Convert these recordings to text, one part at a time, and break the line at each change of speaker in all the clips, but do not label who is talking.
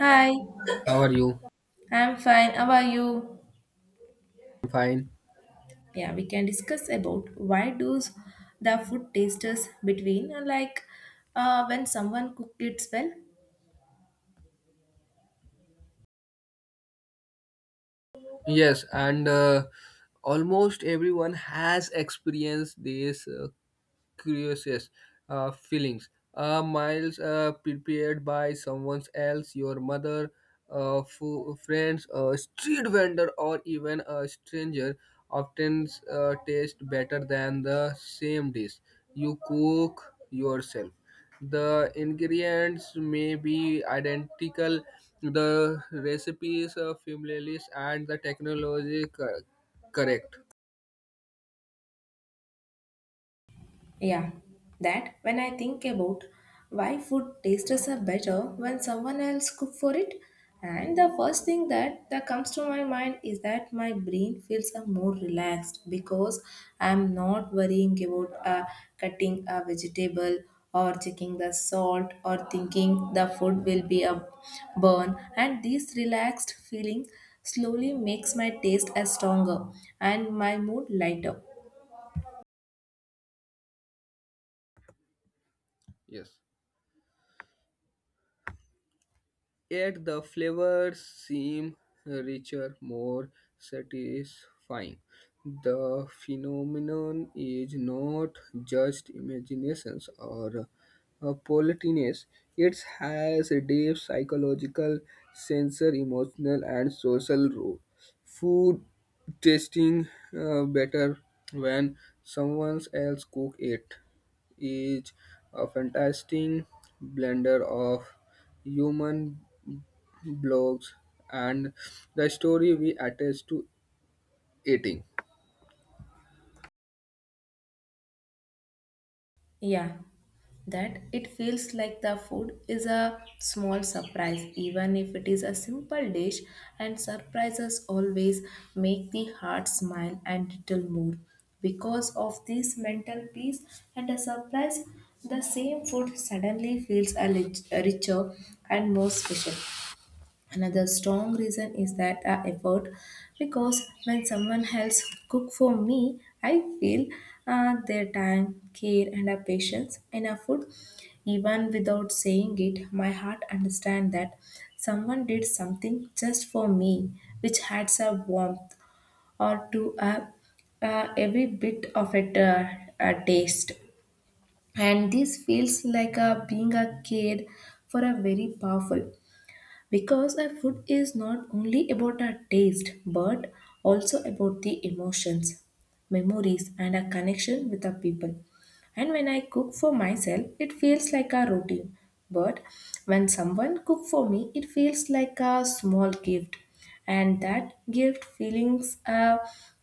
Hi,
How are you?
I'm fine. How are you?
I'm fine.
Yeah, we can discuss about why does the food tastes between like when someone cooked it well.
Yes, and almost everyone has experienced this curious feelings. A meals prepared by someone else, your mother, friends, a street vendor, or even a stranger, often taste better than the same dish you cook yourself. The ingredients may be identical, the recipes are familiar, and the technology correct.
Yeah, that when I think about why food tastes are better when someone else cook for it, and the first thing that comes to my mind is that my brain feels a more relaxed because I'm not worrying about cutting a vegetable or checking the salt or thinking the food will be a burn, and this relaxed feeling slowly makes my taste as stronger and my mood lighter.
Yes. Yet the flavors seem richer, more satisfying. The phenomenon is not just imaginations or politeness. It has a deep psychological, sensory, emotional, and social role. Food tasting better when someone else cook it is a fantastic blender of human blogs and the story we attach to eating.
Yeah, that it feels like the food is a small surprise even if it is a simple dish, and surprises always make the heart smile and little more because of this mental peace and a surprise the same food suddenly feels a richer and more special. Another strong reason is that effort, because when someone else cook for me, I feel their time, care, and patience in a food. Even without saying it, my heart understand that someone did something just for me, which adds a warmth or to a every bit of it a taste, and this feels like a being a kid for a very powerful because a food is not only about our taste but also about the emotions, memories, and our connection with our people. And when I cook for myself, it feels like a routine. But when someone cooks for me, it feels like a small gift. And that gift feelings a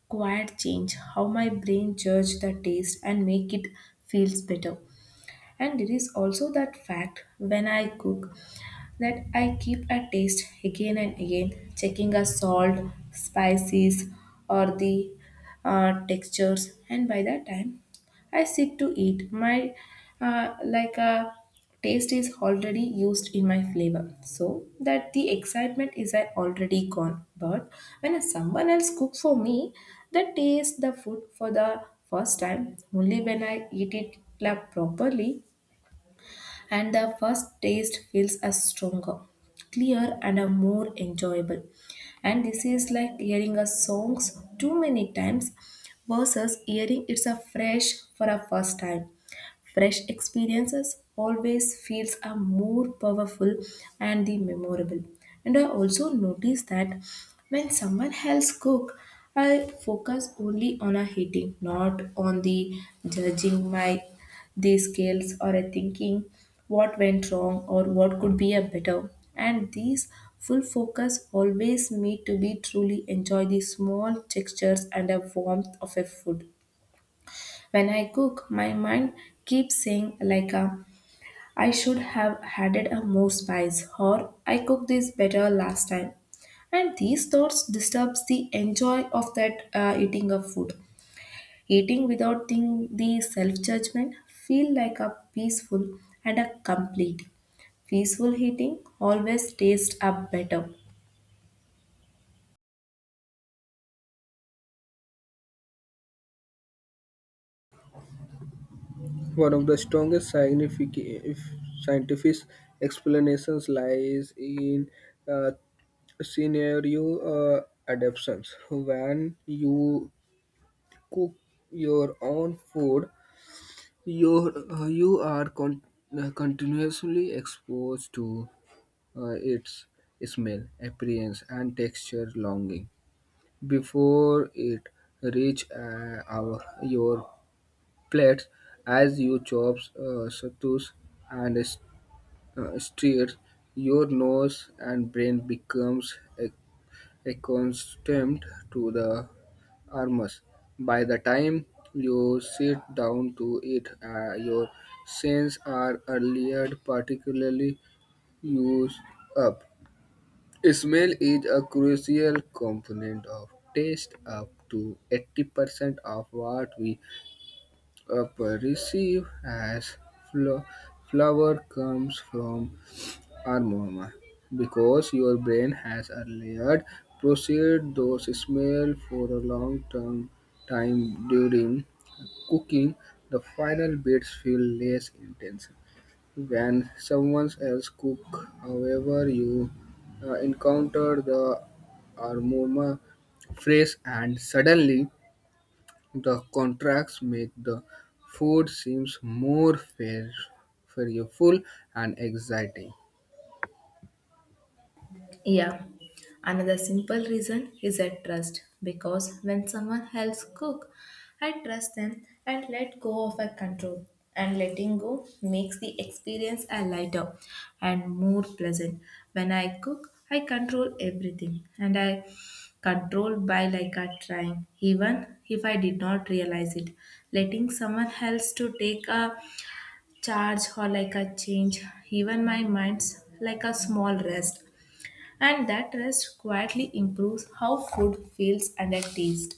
quiet change how my brain judge the taste and make it feels better. And there is also that fact when I cook, that I keep a taste again and again, checking a salt, spices, or the textures. And by that time, I sit to eat. My like a taste is already used in my flavor, so that the excitement is already gone. But when someone else cooks for me, the taste the food for the first time only when I eat it like, properly, and the first taste feels a stronger, clear, and a more enjoyable. And this is like hearing a songs too many times versus hearing it's a fresh for a first time. Fresh experiences always feels are more powerful and the memorable. And I also notice that when someone else cook, I focus only on a heating, not on the judging my the skills or a thinking what went wrong or what could be a better. And these full focus always me to be truly enjoy the small textures and the warmth of a food. When I cook, my mind keeps saying like a, I should have added a more spice or I cooked this better last time. And these thoughts disturbs the enjoy of that eating of food. Eating without think the self judgment feel like a peaceful and a complete. Peaceful eating always tastes up better.
One of the strongest scientific explanations lies in uh, scenario adaptations. When you cook your own food, you are continuously exposed to its smell, appearance, and texture longing before it reach our your plate. As you chop satus and stir, your nose and brain becomes accustomed to the aromas. By the time you sit down to eat, your senses are earlier particularly used up. Smell is a crucial component of taste. Up to 80% of what we perceive as flo- flavor comes from aroma. Because your brain has a layered processed those smell for a long term time during cooking, the final bits feel less intense. When someone else cooks, however, you encounter the aroma phrase and suddenly the contracts make the food seems more fair, flavorful and exciting.
Yeah. Another simple reason is at trust because when someone else cook, I trust them and let go of a control. And letting go makes the experience a lighter and more pleasant. When I cook, I control everything and I control by like a trying, even if I did not realize it. Letting someone else to take a charge or like a change, even my mind's like a small rest, and that rest quietly improves how food feels and a taste.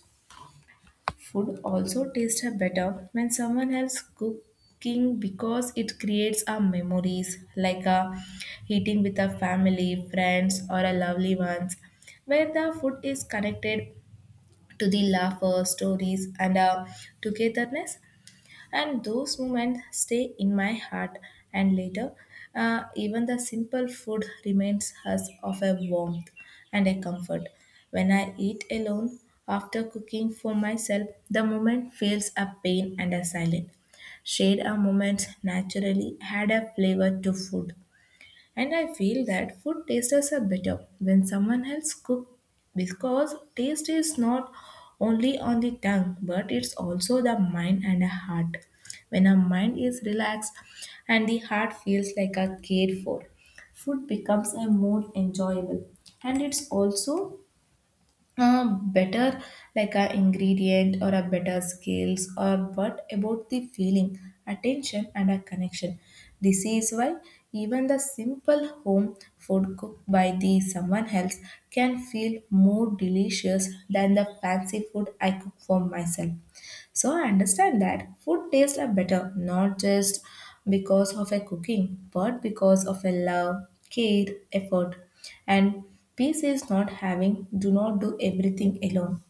Food also tastes better when someone else cooking because it creates our memories like a eating with a family, friends or a lovely ones where the food is connected to the laughter, stories and togetherness, and those moments stay in my heart and later even the simple food reminds us of a warmth and a comfort. When I eat alone after cooking for myself, the moment feels a pain and a silent. Shared our moments naturally had a flavor to food, and I feel that food tasters are better when someone else cooks because taste is not only on the tongue but it's also the mind and the heart. When our mind is relaxed and the heart feels like a cared for, food becomes a more enjoyable, and it's also uh, better like a ingredient or a better skills or what about the feeling attention and a connection. This is why even the simple home food cooked by the someone else can feel more delicious than the fancy food I cook for myself. So I understand that food tastes are better not just because of a cooking, but because of a love, care, effort, and peace is not having. Do not do everything alone.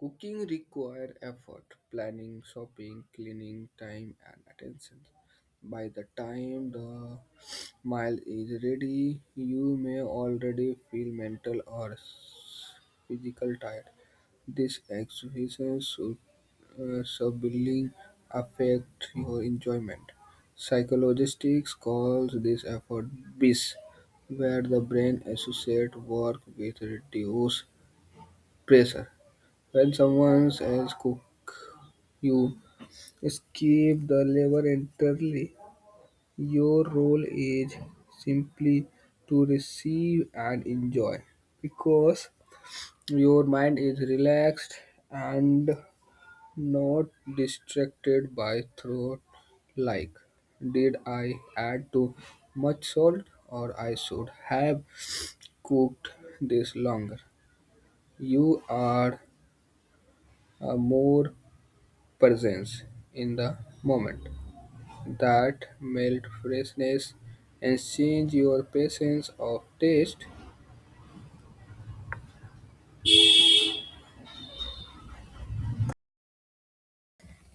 Cooking requires effort, planning, shopping, cleaning, time and attention. By the time the meal is ready, you may already feel mental or physical tired. This exhibitions should severely affect your enjoyment. Psychologists call this effort BIS, where the brain associates work with reduced pressure. When someone says cook, you skip the labor entirely. Your role is simply to receive and enjoy because your mind is relaxed and not distracted by thought like, did I add too much salt, or I should have cooked this longer? You are a more presence in the moment that melt freshness and change your patience of taste.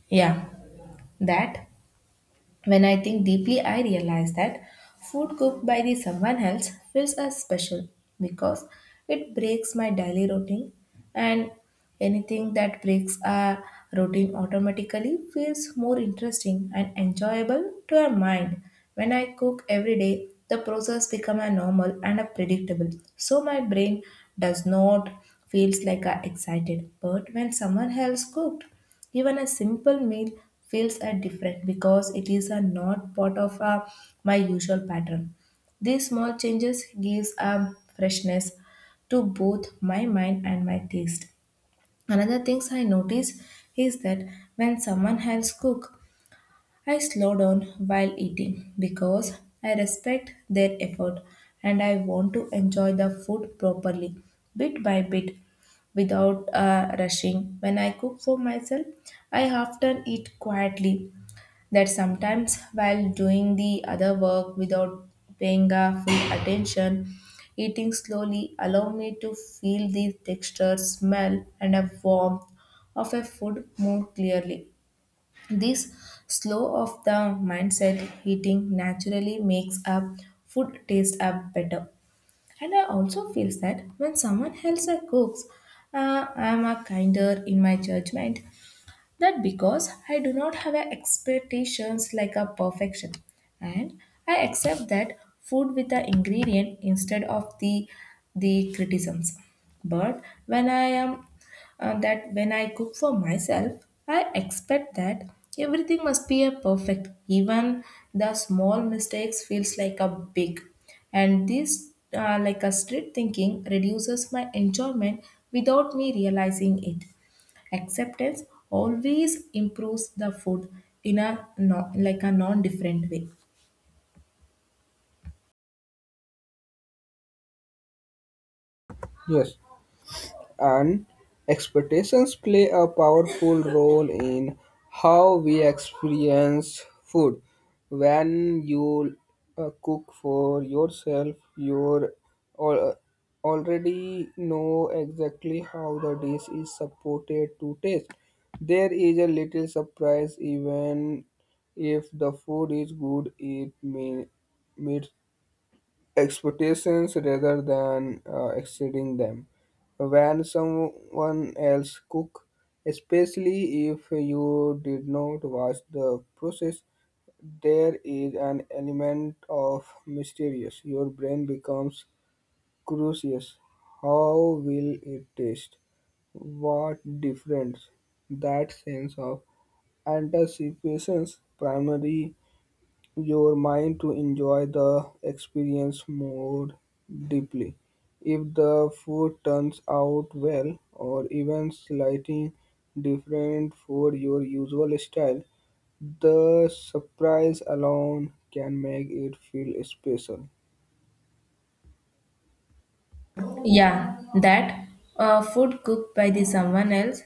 Yeah, that. When I think deeply, I realize that food cooked by the someone else feels as special because it breaks my daily routine, and anything that breaks a routine automatically feels more interesting and enjoyable to our mind. When I cook every day, the process becomes a normal and a predictable. So my brain does not feels like I excited. But when someone else cooked, even a simple meal feels a different because it is a not part of my usual pattern. These small changes gives a freshness to both my mind and my taste. Another things I notice is that when someone else cook, I slow down while eating because I respect their effort and I want to enjoy the food properly, bit by bit, without rushing. When I cook for myself, I often eat quietly, that sometimes while doing the other work without paying a full attention. Eating slowly allow me to feel the texture, smell, and a warmth of a food more clearly. This slow of the mindset heating naturally makes up food taste up better. And I also feel that when someone else cooks, I am a kinder in my judgment. That because I do not have a expectations like a perfection, and I accept that food with the ingredient instead of the criticisms. But when I am that when I cook for myself, I expect that everything must be a perfect. Even the small mistakes feels like a big, and this like a strict thinking reduces my enjoyment without me realizing it. Acceptance always improves the food in a non, like a non-different way.
Yes, and expectations play a powerful role in how we experience food. When you cook for yourself, you al- uh, already know exactly how the dish is supported to taste. There is a little surprise even if the food is good, it may meets expectations rather than exceeding them. When someone else cook, especially if you did not watch the process, there is an element of mysterious. Your brain becomes curious. How will it taste? What difference? That sense of anticipation, primary your mind to enjoy the experience more deeply. If the food turns out well or even slightly different for your usual style, the surprise alone can make it feel special.
Yeah, that food cooked by the someone else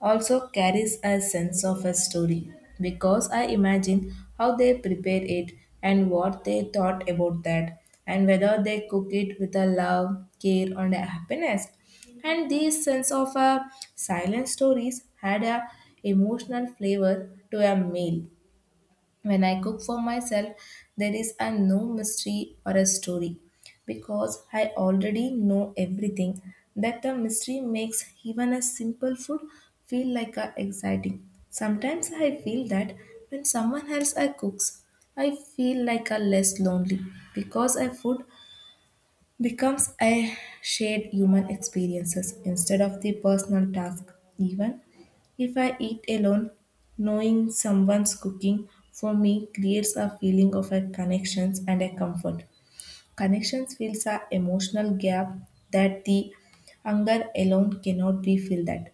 also carries a sense of a story because I imagine how they prepare it and what they thought about that and whether they cook it with a love, care, and a happiness. And these sense of silent stories had a emotional flavor to a meal. When I cook for myself, there is a no mystery or a story because I already know everything. That the mystery makes even a simple food feel like a exciting. Sometimes I feel that when someone else I cooks, I feel like a less lonely because I food becomes a shared human experiences instead of the personal task. Even if I eat alone, knowing someone's cooking for me creates a feeling of a connections and a comfort. Connections fills a emotional gap that the hunger alone cannot be filled that,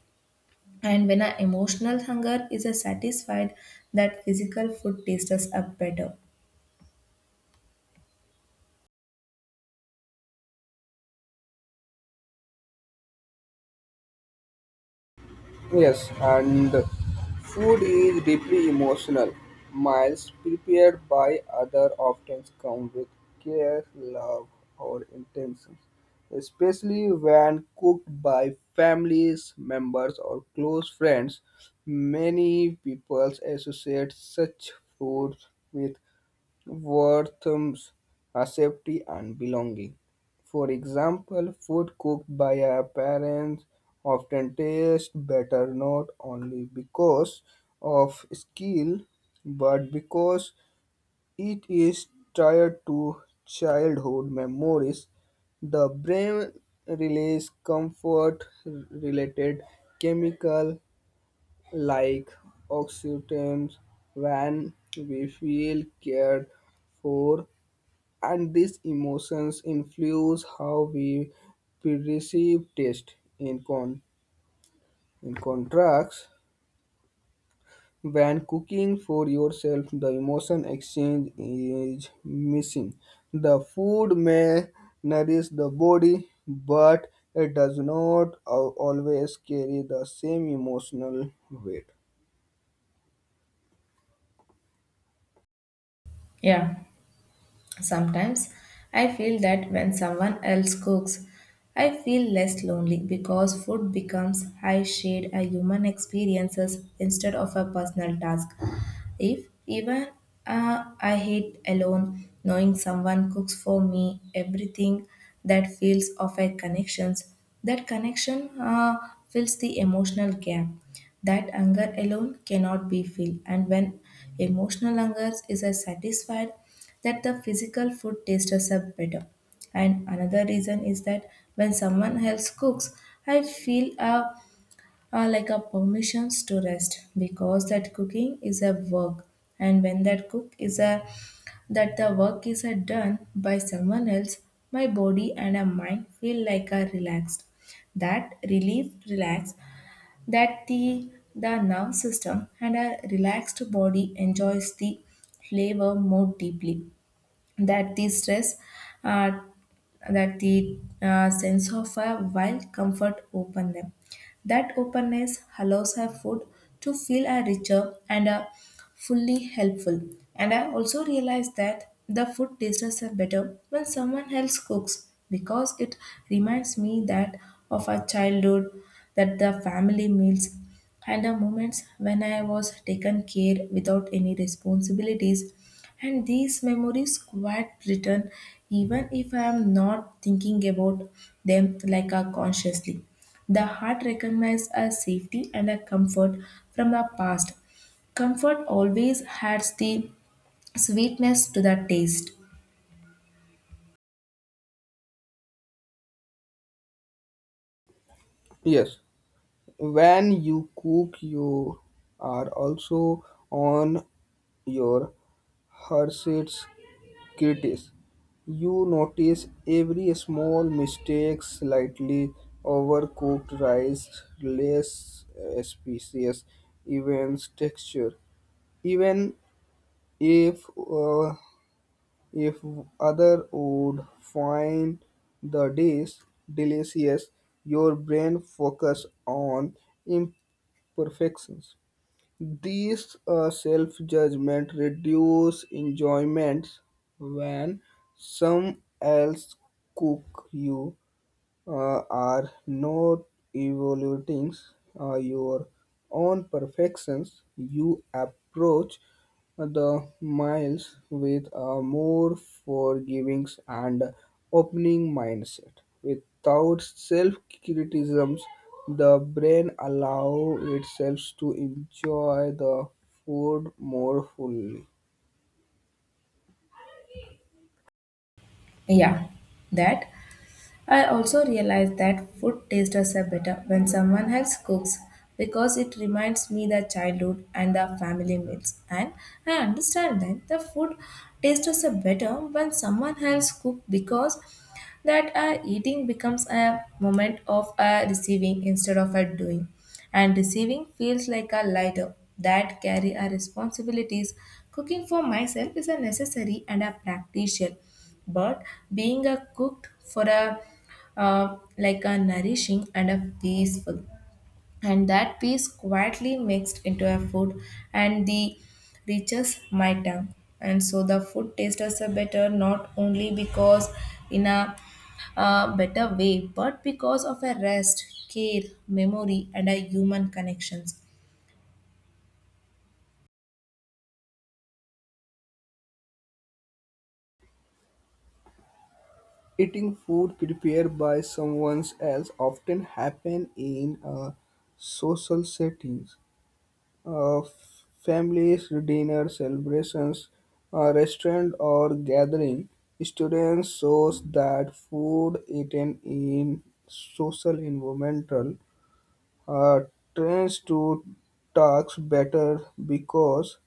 and when our emotional hunger is a satisfied, that physical food tastes us up better.
Yes, and food is deeply emotional. Meals prepared by others often come with care, love, or intentions, especially when cooked by families, members, or close friends. Many people associate such food with worth are safety and belonging. For example, food cooked by our parents often tastes better not only because of skill but because it is tied to childhood memories. The brain releases comfort related chemical like oxytocin when we feel cared for and these emotions influence how we perceive taste. In contrast, when cooking for yourself, the emotion exchange is missing. The food may nourish the body, but it does not always carry the same emotional weight.
Yeah. Sometimes I feel that when someone else cooks, I feel less lonely because food becomes I shared a human experiences instead of a personal task. If even I hate alone, knowing someone cooks for me everything, that feels of a connections, that connection fills the emotional gap that hunger alone cannot be filled, and when emotional hunger is satisfied, that the physical food tastes up better. And another reason is that when someone else cooks, I feel a like a permissions to rest because that cooking is a work, and when that cook is a that the work is a done by someone else, my body and a mind feel like a relaxed. That relief relax that the nerve system and a relaxed body enjoys the flavor more deeply, that the stress uh, that the sense of a wild comfort open them, that openness allows her food to feel a richer and a fully helpful. And I also realized that the food tastes are better when someone else cooks because it reminds me that of our childhood, that the family meals and the moments when I was taken care without any responsibilities. And these memories quite return even if I am not thinking about them like a consciously. The heart recognizes a safety and a comfort from the past. Comfort always adds the sweetness to the taste.
Yes. When you cook you are also on your horse's critics. You notice every small mistake, slightly overcooked rice, less species, events texture, even if uh, if other would find the dish delicious, your brain focus on perfections. These self-judgment reduce enjoyments. When some else cook you uh, are not evaluating your own perfections, you approach the miles with a more forgiving and opening mindset. Without self-criticisms, the brain allows itself to enjoy the food more fully.
Yeah, that. I also realize that food tastes are better when someone else cooks because it reminds me the childhood and the family meals. And I understand that the food tastes are better when someone else cooks because that eating becomes a moment of receiving instead of a doing. And receiving feels like a lighter that carry our responsibilities. Cooking for myself is a necessary and a practical, but being a cooked for a like a nourishing and a peaceful, and that peace quietly mixed into a food and the reaches my tongue. And so the food tastes us a better not only because in a better way but because of a rest care memory and a human connections.
Eating food prepared by someone else often happen in social settings, families, dinner, celebrations, restaurant or gathering. Students shows that food eaten in social environmental uh, trains to talks better because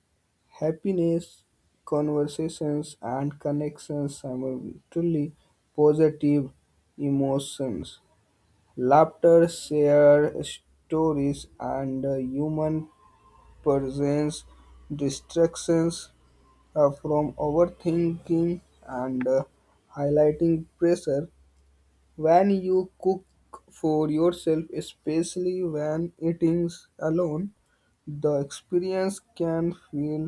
happiness, conversations, and connections simultaneously positive emotions, laughter, share stories, and human presence, distractions from overthinking and highlighting pressure. When you cook for yourself, especially when eating alone, the experience can feel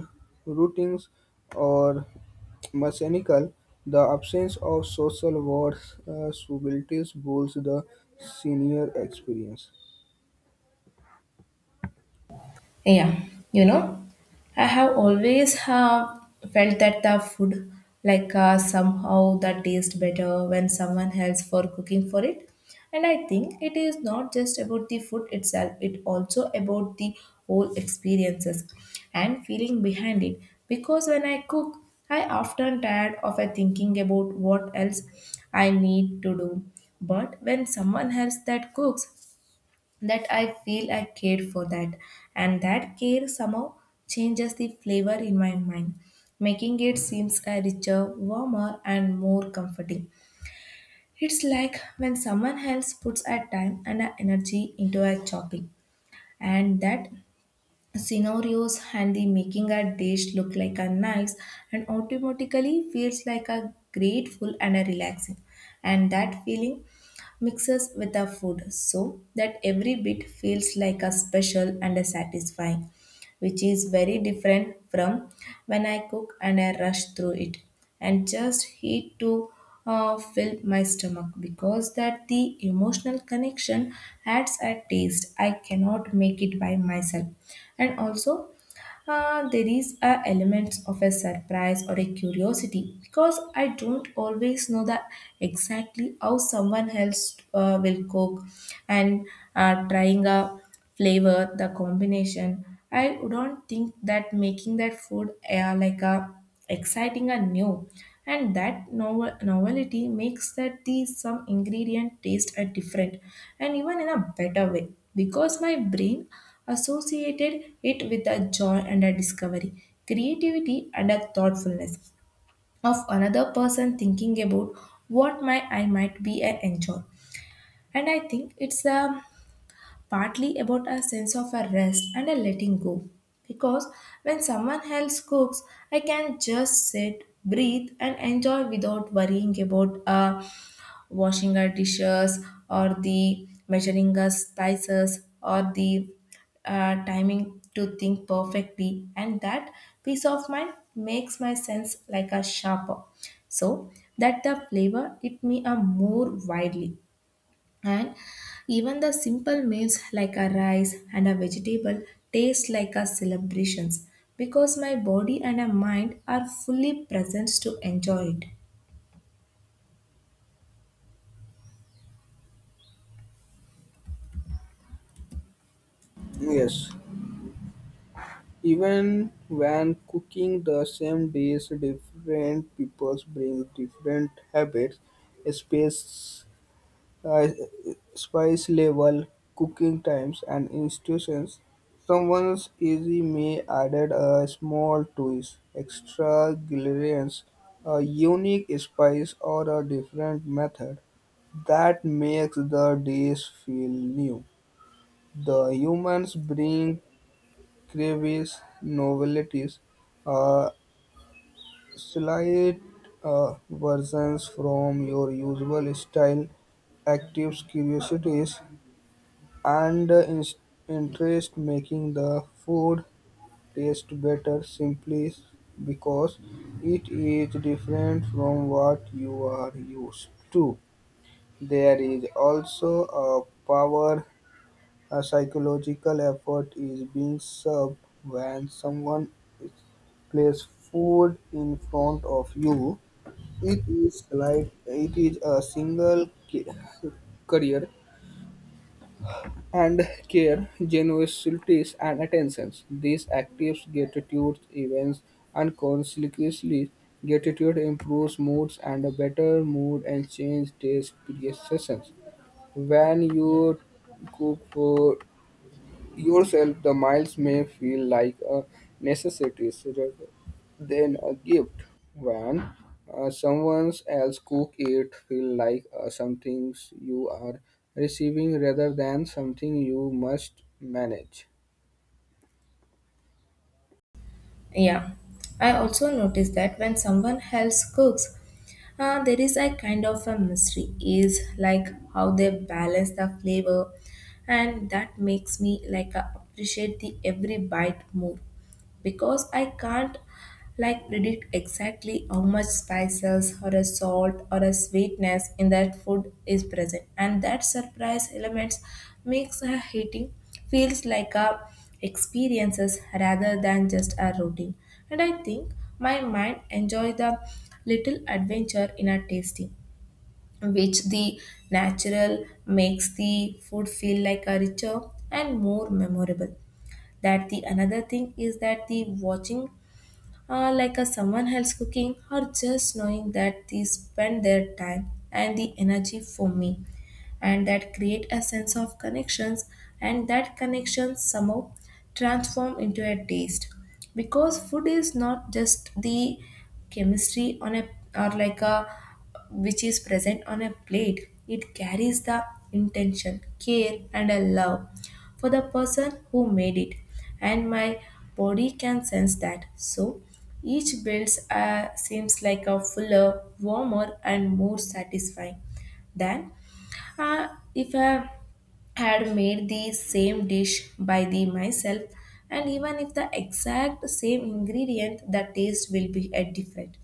routine or mechanical. The absence of social words, subtleties boosts the senior experience.
Yeah, you know, I have always have felt that the food, like somehow that tastes better when someone else for cooking for it. And I think it is not just about the food itself; it also about the whole experiences and feeling behind it. Because when I cook, I often tired of thinking about what else I need to do. But when someone else that cooks, that I feel I cared for that. And that care somehow changes the flavor in my mind, making it seems a richer, warmer, and more comforting. It's like when someone else puts a time and a energy into a chopping, and that scenarios and the making a dish look like a nice and automatically feels like a grateful and a relaxing, and that feeling mixes with the food so that every bit feels like a special and a satisfying, which is very different from when I cook and I rush through it and just heat to fill my stomach, because that the emotional connection adds a taste I cannot make it by myself. And also, there is a element of a surprise or a curiosity because I don't always know that exactly how someone else will cook and trying a flavor, the combination. I do not think that making that food like a exciting and new, and that novelty makes that the some ingredient taste are different and even in a better way, because my brain associated it with a joy and a discovery, creativity and a thoughtfulness of another person thinking about what my I might be a enjoy. And I think it's a partly about a sense of a rest and a letting go. Because when someone else cooks, I can just sit, breathe, and enjoy without worrying about washing our dishes or the measuring our spices or the timing to think perfectly. And that peace of mind makes my sense like a sharper. So that the flavor it me a more widely, and even the simple meals like a rice and a vegetable taste like a celebrations because my body and a mind are fully present to enjoy it.
Yes, even when cooking the same dish, different peoples bring different habits, space uh, spice level, cooking times, and institutions. Someone's easy may added a small twist, extra ingredients, a unique spice, or a different method that makes the dish feel new. The humans bring crevices, novelties, uh, slight versions from your usual style actives curiosities and interest making the food taste better simply because it is different from what you are used to. There is also a power, a psychological effort is being served when someone is place food in front of you. It is like it is a career and care, generosity, and attentions. These active gratitude events unconsciously gratitude improves moods and a better mood and change taste perceptions. When you cook for yourself, the miles may feel like a necessity rather than a gift. When someone else cook it, feel like something you are receiving rather than something you must manage.
Yeah, I also notice that when someone else cooks, there is a kind of a mystery is like how they balance the flavor, and that makes me like appreciate the every bite more because I can't like predict exactly how much spices or a salt or a sweetness in that food is present. And that surprise elements makes a eating feels like a experiences rather than just a routine. And I think my mind enjoy the little adventure in a tasting, which the natural makes the food feel like a richer and more memorable. That the another thing is that the watching like a someone else cooking or just knowing that they spend their time and the energy for me, and that create a sense of connections, and that connection somehow transform into a taste. Because food is not just the chemistry on a or like a which is present on a plate, it carries the intention care and a love for the person who made it, and my body can sense that, so each build seems like a fuller warmer and more satisfying than uh, if I had made the same dish by the myself. And even if the exact same ingredient the taste will be different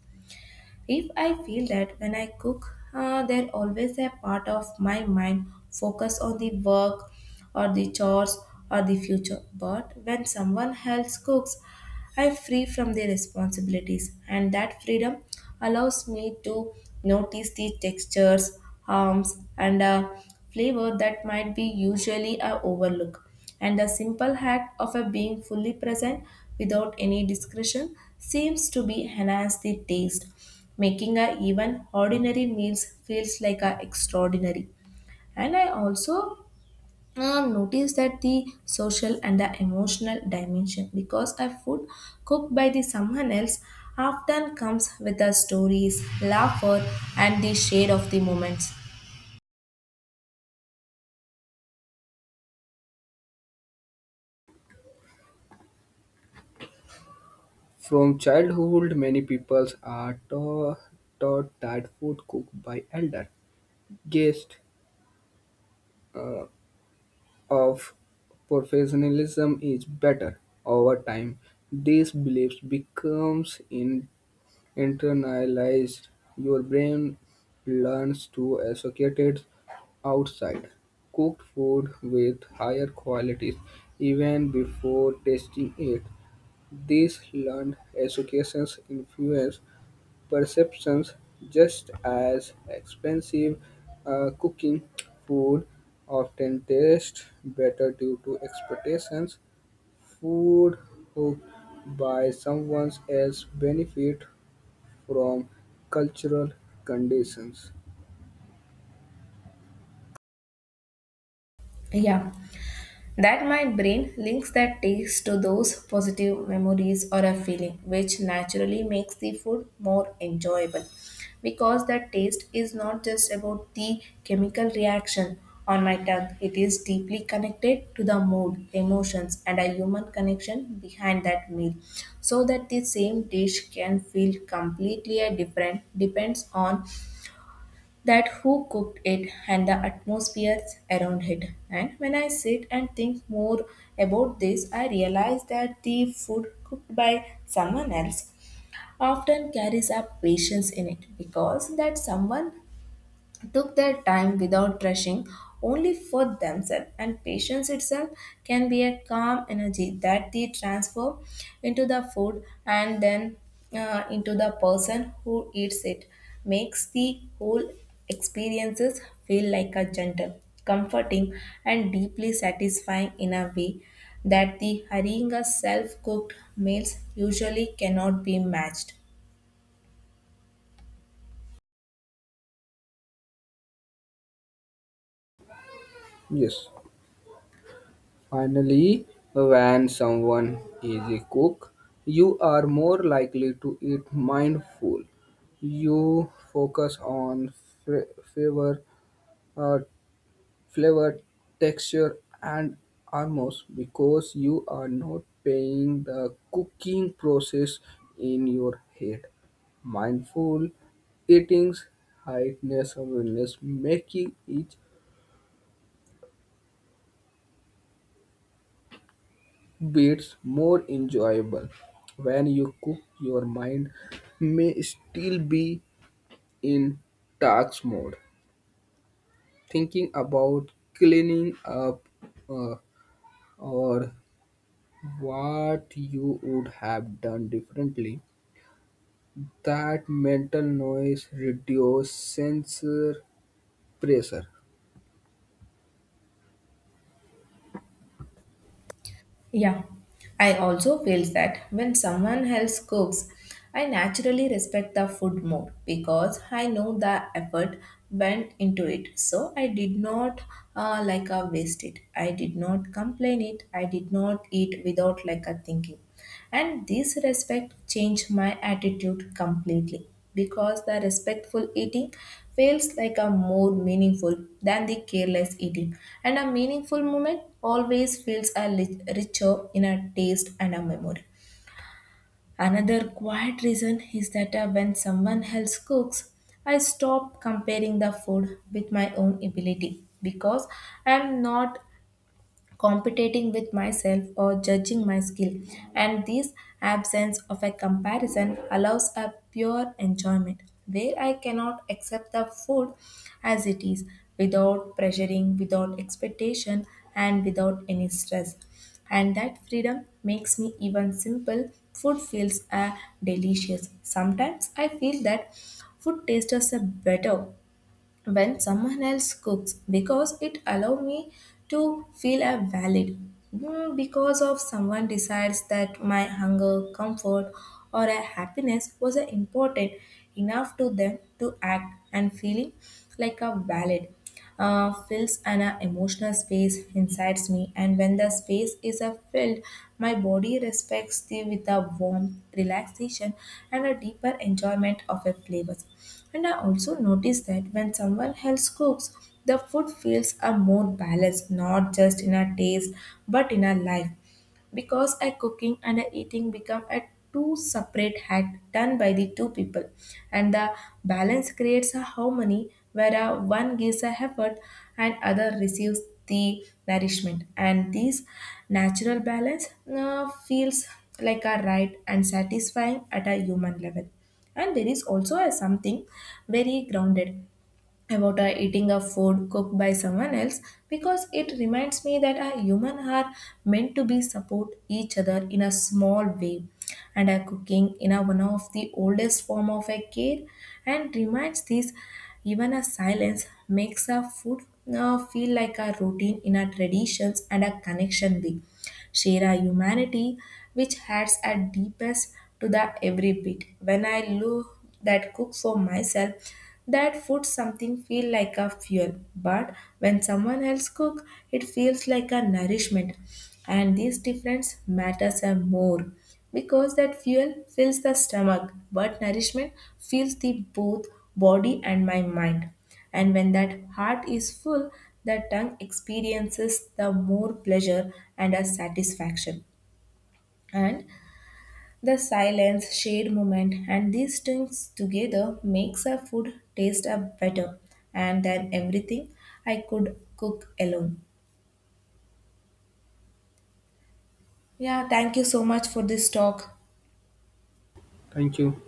if I feel that when I cook, there always a part of my mind focus on the work or the chores or the future. But when someone else cooks, I'm free from their responsibilities, and that freedom allows me to notice the textures, harms, and flavor that might be usually I overlook. And the simple act of a being fully present without any discretion seems to be enhance the taste, making a even ordinary meals feels like a extraordinary. And I also notice that the social and the emotional dimension, because a food cooked by the someone else often comes with the stories laughter and the shade of the moments.
From childhood, many people are taught that food cooked by elder guest uh, of professionalism is better. Over time, these beliefs becomes in internalized. Your brain learns to associate it outside cooked food with higher qualities even before tasting it. These learned associations influence perceptions just as expensive cooking food often tastes better due to expectations. Food cooked by someone else benefit from cultural conditions.
Yeah, that my brain links that taste to those positive memories or a feeling, which naturally makes the food more enjoyable. Because that taste is not just about the chemical reaction on my tongue, it is deeply connected to the mood, emotions, and a human connection behind that meal. So that the same dish can feel completely a different depends on that who cooked it and the atmospheres around it. And when I sit and think more about this, I realize that the food cooked by someone else often carries a patience in it, because that someone took their time without rushing only for themselves, and patience itself can be a calm energy that they transform into the food and then into the person who eats it makes the whole experiences feel like a gentle, comforting, and deeply satisfying in a way that the hurrying self cooked meals usually cannot be matched.
Yes. Finally, when someone is a cook, you are more likely to eat mindful. You focus on fla- flavor, uh, flavor, texture, and aromas because you are not paying the cooking process in your head. Mindful eating's heightness awareness making each beats more enjoyable. When you cook your mind may still be in task mode thinking about cleaning up uh, or what you would have done differently. That mental noise reduce sensor pressure.
Yeah, I also feel that when someone else cooks, I naturally respect the food more because I know the effort went into it. So I did not like waste it. I did not complain it. I did not eat without like a thinking, and this respect changed my attitude completely, because the respectful eating feels like a more meaningful than the careless eating, and a meaningful moment always feels a richer in a taste and a memory. Another quiet reason is that when someone else cooks, I stop comparing the food with my own ability, because I am not competing with myself or judging my skill. And this absence of a comparison allows a pure enjoyment where I cannot accept the food as it is without pressuring, without expectation, and without any stress. And that freedom makes me even simple food feels delicious. Sometimes I feel that food tastes are better when someone else cooks because it allow me to feel a valid. Mm, because of someone decides that my hunger comfort or a happiness was a important enough to them to act, and feeling like a valid fills an emotional space inside me, and when the space is filled, my body respects the with a warmth relaxation and a deeper enjoyment of a flavors. And I also notice that when someone else cooks, the food feels a more balanced not just in a taste but in a life, because a cooking and a eating become a two separate act done by the two people, and the balance creates a harmony where a one gives a effort and other receives the nourishment. And this natural balance feels like a right and satisfying at a human level. And there is also a something very grounded about eating a food cooked by someone else, because it reminds me that a human are meant to be support each other in a small way, and a cooking in a one of the oldest form of a care, and reminds this even a silence makes a food feel like a routine in our traditions and a connection way, share our humanity, which adds a deepest to the every bit. When I look that cook for myself, that food something feel like a fuel, but when someone else cook, it feels like a nourishment. And this difference matters a more, because that fuel fills the stomach, but nourishment fills the both body and my mind. And when that heart is full, the tongue experiences the more pleasure and a satisfaction. And the silence, shade moment, and these things together makes a food taste a better and than everything I could cook alone. Yeah, thank you so much for this talk.
Thank you.